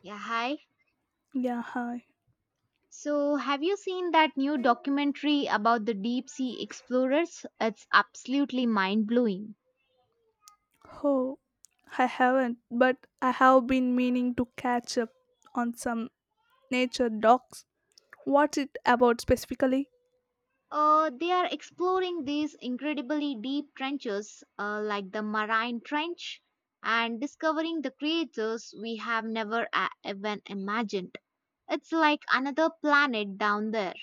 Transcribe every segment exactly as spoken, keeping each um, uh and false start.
Yeah, hi. Yeah, hi. So, have you seen that new documentary about the deep sea explorers? It's absolutely mind blowing. Oh, I haven't, but I have been meaning to catch up on some nature docs. What's it about specifically? Uh, they are exploring these incredibly deep trenches, uh, like the Marine Trench, and discovering the creatures we have never a- even imagined. It's like another planet down there.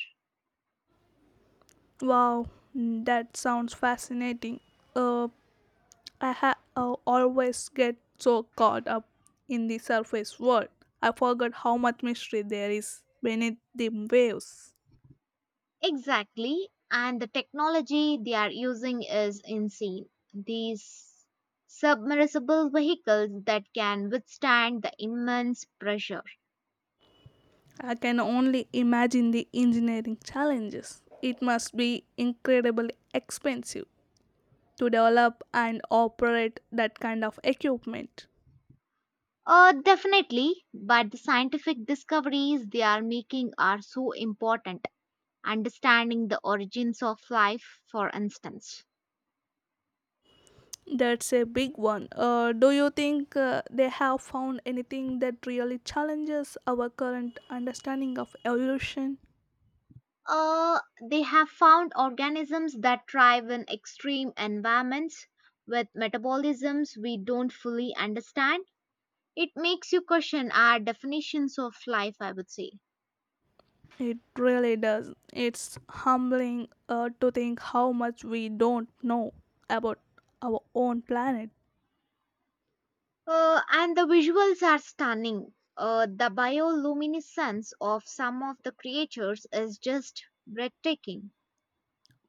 Wow, mm, that sounds fascinating. Uh, I ha- uh, always get so caught up in the surface world. I forgot how much mystery there is beneath the waves. Exactly. And the technology they are using is insane. These submersible vehicles that can withstand the immense pressure. I can only imagine the engineering challenges. It must be incredibly expensive to develop and operate that kind of equipment. Uh, definitely, but the scientific discoveries they are making are so important. Understanding the origins of life, for instance. That's a big one. Uh, do you think uh, they have found anything that really challenges our current understanding of evolution? Uh, they have found organisms that thrive in extreme environments with metabolisms we don't fully understand. It makes you question our definitions of life, I would say. It really does. It's humbling uh, to think how much we don't know about our own planet. Uh, and the visuals are stunning. Uh, the bioluminescence of some of the creatures is just breathtaking.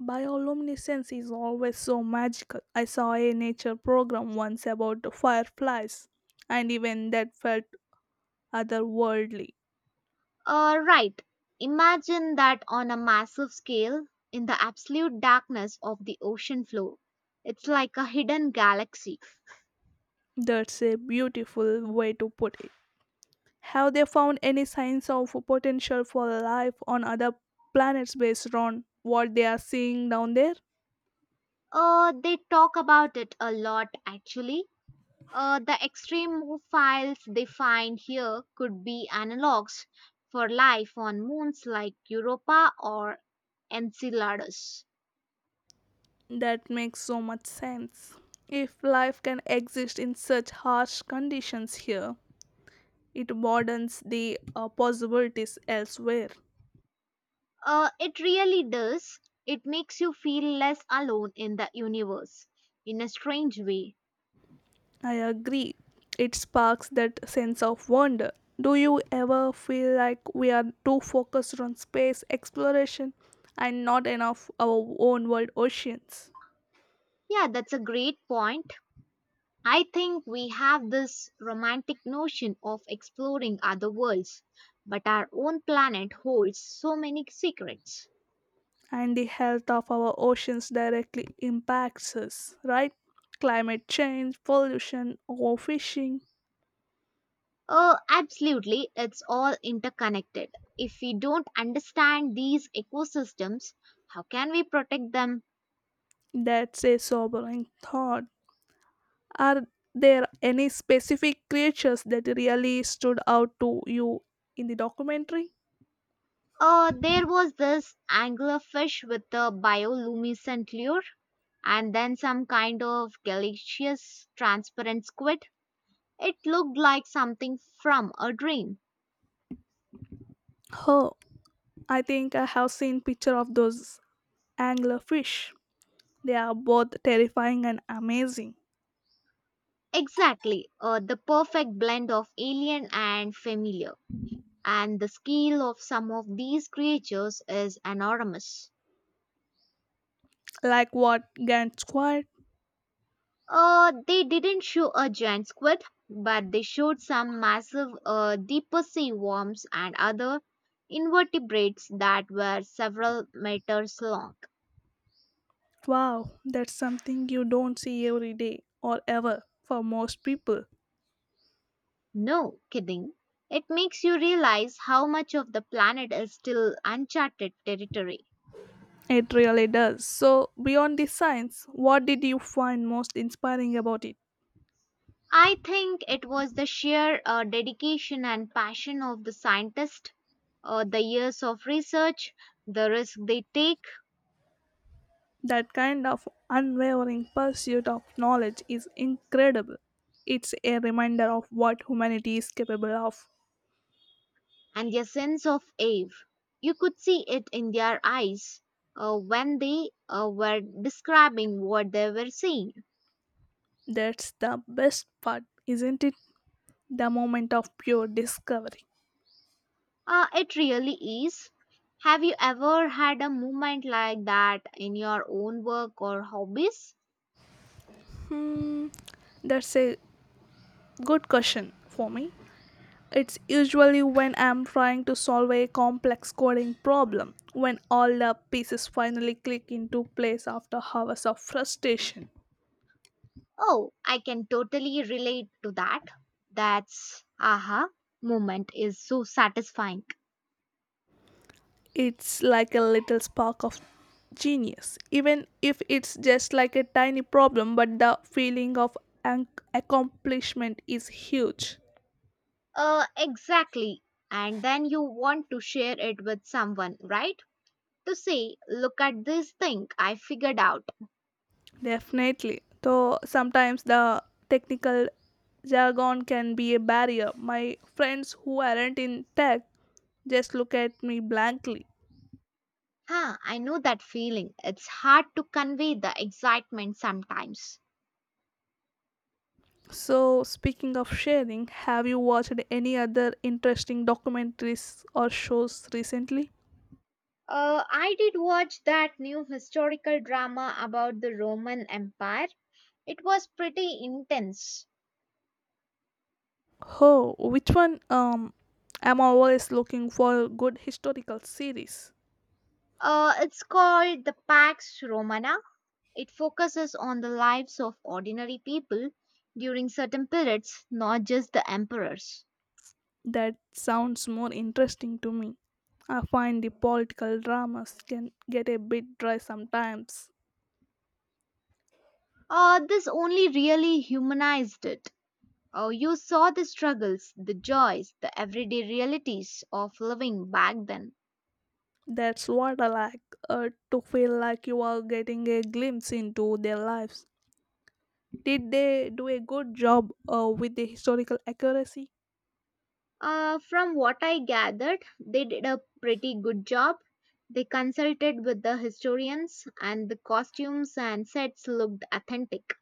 Bioluminescence is always so magical. I saw a nature program once about the fireflies, and even that felt otherworldly. Uh, right. Imagine that on a massive scale in the absolute darkness of the ocean floor. It's like a hidden galaxy. That's a beautiful way to put it. Have they found any signs of potential for life on other planets based on what they are seeing down there? Uh, they talk about it a lot actually. Uh, the extreme move files they find here could be analogs for life on moons like Europa or Enceladus. That makes so much sense. If life can exist in such harsh conditions here, it broadens the uh, possibilities elsewhere. Uh, it really does. It makes you feel less alone in the universe in a strange way. I agree. It sparks that sense of wonder. Do you ever feel like we are too focused on space exploration and not enough our own world oceans? Yeah, that's a great point. I think we have this romantic notion of exploring other worlds, but our own planet holds so many secrets. And the health of our oceans directly impacts us, right? Climate change, pollution, overfishing. Oh, absolutely. It's all interconnected. If we don't understand these ecosystems, how can we protect them? That's a sobering thought. Are there any specific creatures that really stood out to you in the documentary? Uh, there was this anglerfish with a bioluminescent lure, and then some kind of gaseous transparent squid. It looked like something from a dream. Oh, I think I have seen picture of those anglerfish. They are both terrifying and amazing. Exactly, uh, the perfect blend of alien and familiar. And the scale of some of these creatures is enormous. Like what Gant squid? Uh, they didn't show a giant squid, but they showed some massive, uh, deeper sea worms and other invertebrates that were several meters long. Wow, that's something you don't see every day, or ever for most people. No kidding. It makes you realize how much of the planet is still uncharted territory. It really does. So, beyond the science, what did you find most inspiring about it? I think it was the sheer uh, dedication and passion of the scientists, uh, the years of research, the risk they take, That kind of unwavering pursuit of knowledge is incredible. It's a reminder of what humanity is capable of. and their sense of awe. You could see it in their eyes uh, when they uh, were describing what they were seeing. That's the best part, isn't it? The moment of pure discovery? Uh, it really is. Have you ever had a moment like that in your own work or hobbies? Hmm, that's a good question for me. It's usually when I'm trying to solve a complex coding problem, when all the pieces finally click into place after hours of frustration. Oh, I can totally relate to that. That's aha moment is so satisfying. It's like a little spark of genius, even if it's just like a tiny problem, but the feeling of an accomplishment is huge. Uh, exactly. And then you want to share it with someone, right? To say, Look at this thing I figured out. Definitely. Though sometimes the technical jargon can be a barrier. My friends who aren't in tech just look at me blankly. Huh, I know that feeling. It's hard to convey the excitement sometimes. So, speaking of sharing, have you watched any other interesting documentaries or shows recently? Uh, I did watch that new historical drama about the Roman Empire. It was pretty intense. Oh, which one? Um, I'm always looking for good historical series. Uh, it's called The Pax Romana. It focuses on the lives of ordinary people during certain periods, not just the emperors. That sounds more interesting to me. I find the political dramas can get a bit dry sometimes. Uh, this only really humanized it. Oh, you saw the struggles, the joys, the everyday realities of living back then. That's what I like, uh, to feel like you are getting a glimpse into their lives. Did they do a good job uh, with the historical accuracy? Uh, from what I gathered, they did a pretty good job. They consulted with the historians, and the costumes and sets looked authentic.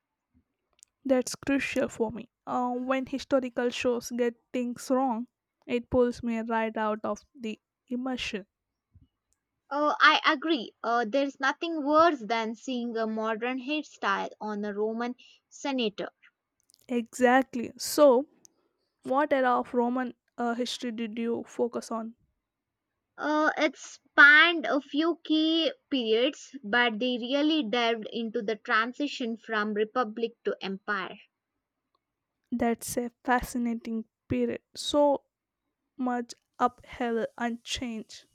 That's crucial for me. Uh, when historical shows get things wrong, it pulls me right out of the immersion. Oh, I agree. Uh, there's nothing worse than seeing a modern hairstyle on a Roman senator. Exactly. So, what era of Roman uh, history did you focus on? Uh, it spanned a few key periods, but they really delved into the transition from republic to empire. That's a fascinating period. So much uphill and change.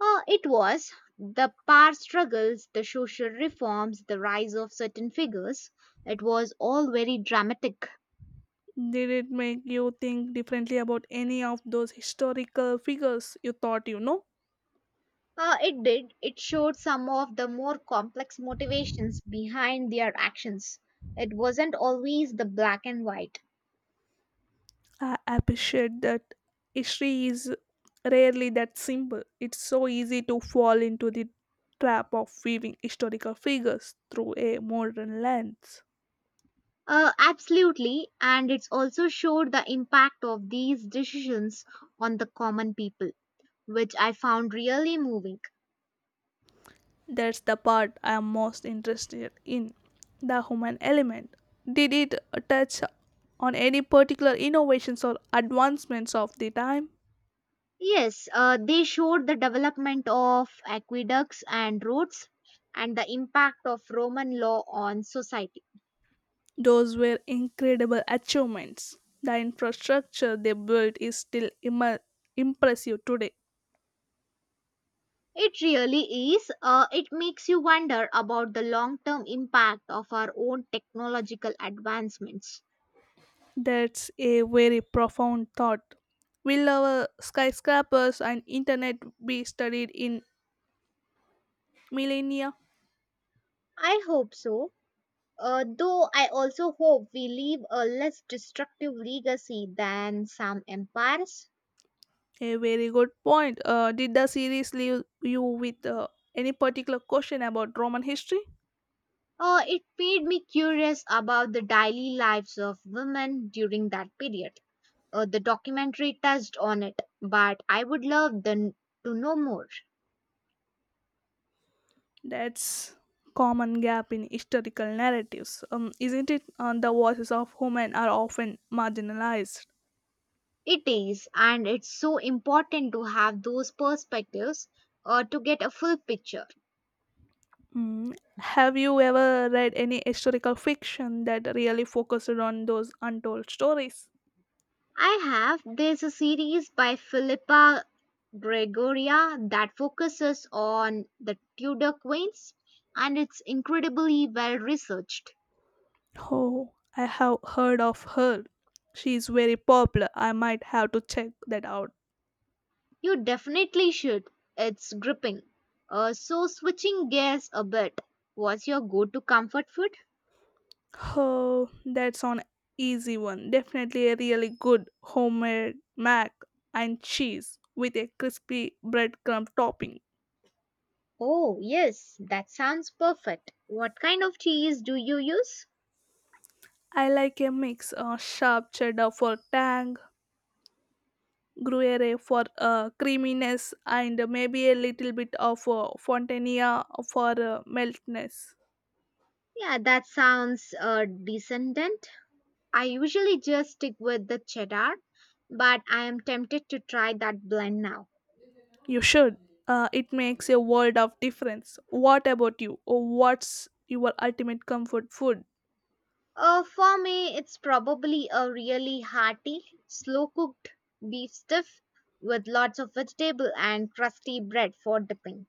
Uh, it was the power struggles, the social reforms, the rise of certain figures. It was all very dramatic. Did it make you think differently about any of those historical figures you thought you know? Uh, it did. It showed some of the more complex motivations behind their actions. It wasn't always the black and white. I appreciate that history is rarely that simple. It's so easy to fall into the trap of viewing historical figures through a modern lens. Uh, absolutely, and it's also showed the impact of these decisions on the common people, which I found really moving. That's the part I am most interested in, the human element. Did it touch on any particular innovations or advancements of the time? Yes, uh, they showed the development of aqueducts and roads and the impact of Roman law on society. Those were incredible achievements. The infrastructure they built is still immer- impressive today. It really is. Uh, it makes you wonder about the long term impact of our own technological advancements. That's a very profound thought. Will our skyscrapers and internet be studied in millennia? I hope so. Uh, though I also hope we leave a less destructive legacy than some empires. A very good point. Uh, did the series leave you with uh, any particular question about Roman history? Uh, it made me curious about the daily lives of women during that period. Uh, the documentary touched on it, but I would love the, to know more. That's common gap in historical narratives, um, isn't it? And the voices of women are often marginalized. It is, and it's so important to have those perspectives uh, to get a full picture. Mm. Have you ever read any historical fiction that really focused on those untold stories? I have. There's a series by Philippa Gregoria that focuses on the Tudor Queens, and it's incredibly well researched. Oh, I have heard of her. She is very popular. I might have to check that out. You definitely should. It's gripping. Uh, so, switching gears a bit, what's your go to comfort food? Oh, that's an easy one. Definitely a really good homemade mac and cheese with a crispy breadcrumb topping. Oh, yes, that sounds perfect. What kind of cheese do you use? I like a mix of sharp cheddar for tang, Gruyere for uh, creaminess, and maybe a little bit of uh, Fontania for uh, meltness. Yeah, that sounds uh, decent. I usually just stick with the cheddar, but I am tempted to try that blend now. You should. Uh, it makes a world of difference. What about you? Oh, what's your ultimate comfort food? Uh, for me, it's probably a really hearty, slow cooked beef stiff with lots of vegetable and crusty bread for dipping.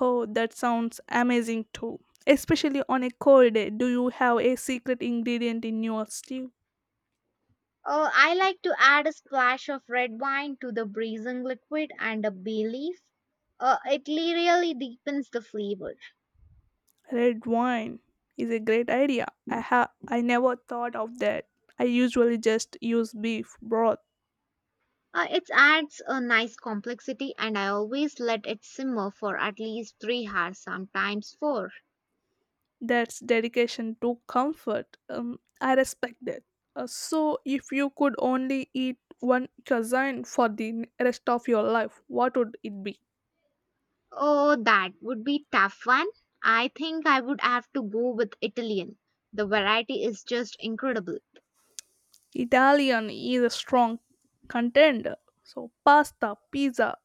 Oh, that sounds amazing too. Especially on a cold day, do you have a secret ingredient in your stew? Uh, I like to add a splash of red wine to the braising liquid and a bay leaf. Uh, it really deepens the flavor. Red wine is a great idea. I ha- I never thought of that. I usually just use beef broth. Uh, it adds a nice complexity, and I always let it simmer for at least three hours, sometimes four. That's dedication to comfort. Um, I respect that. Uh, so, if you could only eat one cuisine for the n- rest of your life, what would it be? Oh, that would be tough one. I think I would have to go with Italian. The variety is just incredible. Italian is a strong contender. So, pasta, pizza,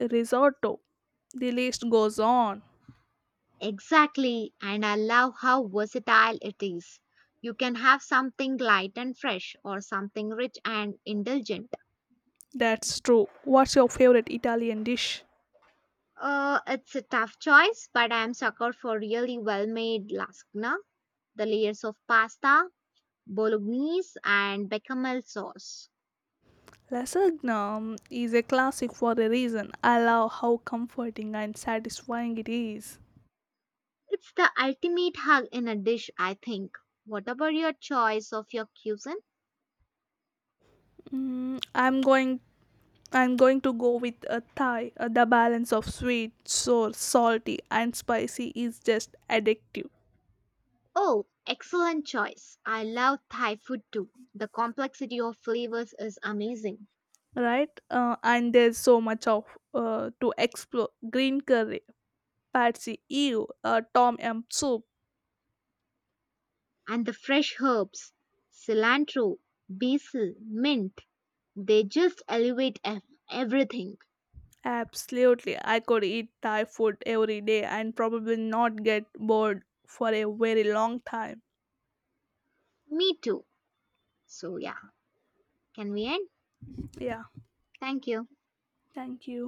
risotto, the list goes on. Exactly, and I love how versatile it is. You can have something light and fresh, or something rich and indulgent. That's true. What's your favorite Italian dish? Uh, it's a tough choice, but I'm sucker for really well-made lasagna. The layers of pasta, bolognese and bechamel sauce. Lasagna um, is a classic for a reason. I love how comforting and satisfying it is. It's the ultimate hug in a dish, I think. What about your choice of your cuisine? Mm, I'm going I'm going to go with a Thai. Uh, the balance of sweet, sour, salty, and spicy is just addictive, Oh, excellent choice. I love Thai food too. The complexity of flavors is amazing. right? Uh, and there's so much of uh, to explore: green curry, patsy, ew, uh, tom yum soup. And the fresh herbs, cilantro, basil, mint, they just elevate ev- everything. Absolutely, I could eat Thai food every day and probably not get bored for a very long time. Me too. So, yeah, can we end? Yeah, Thank you. thank you.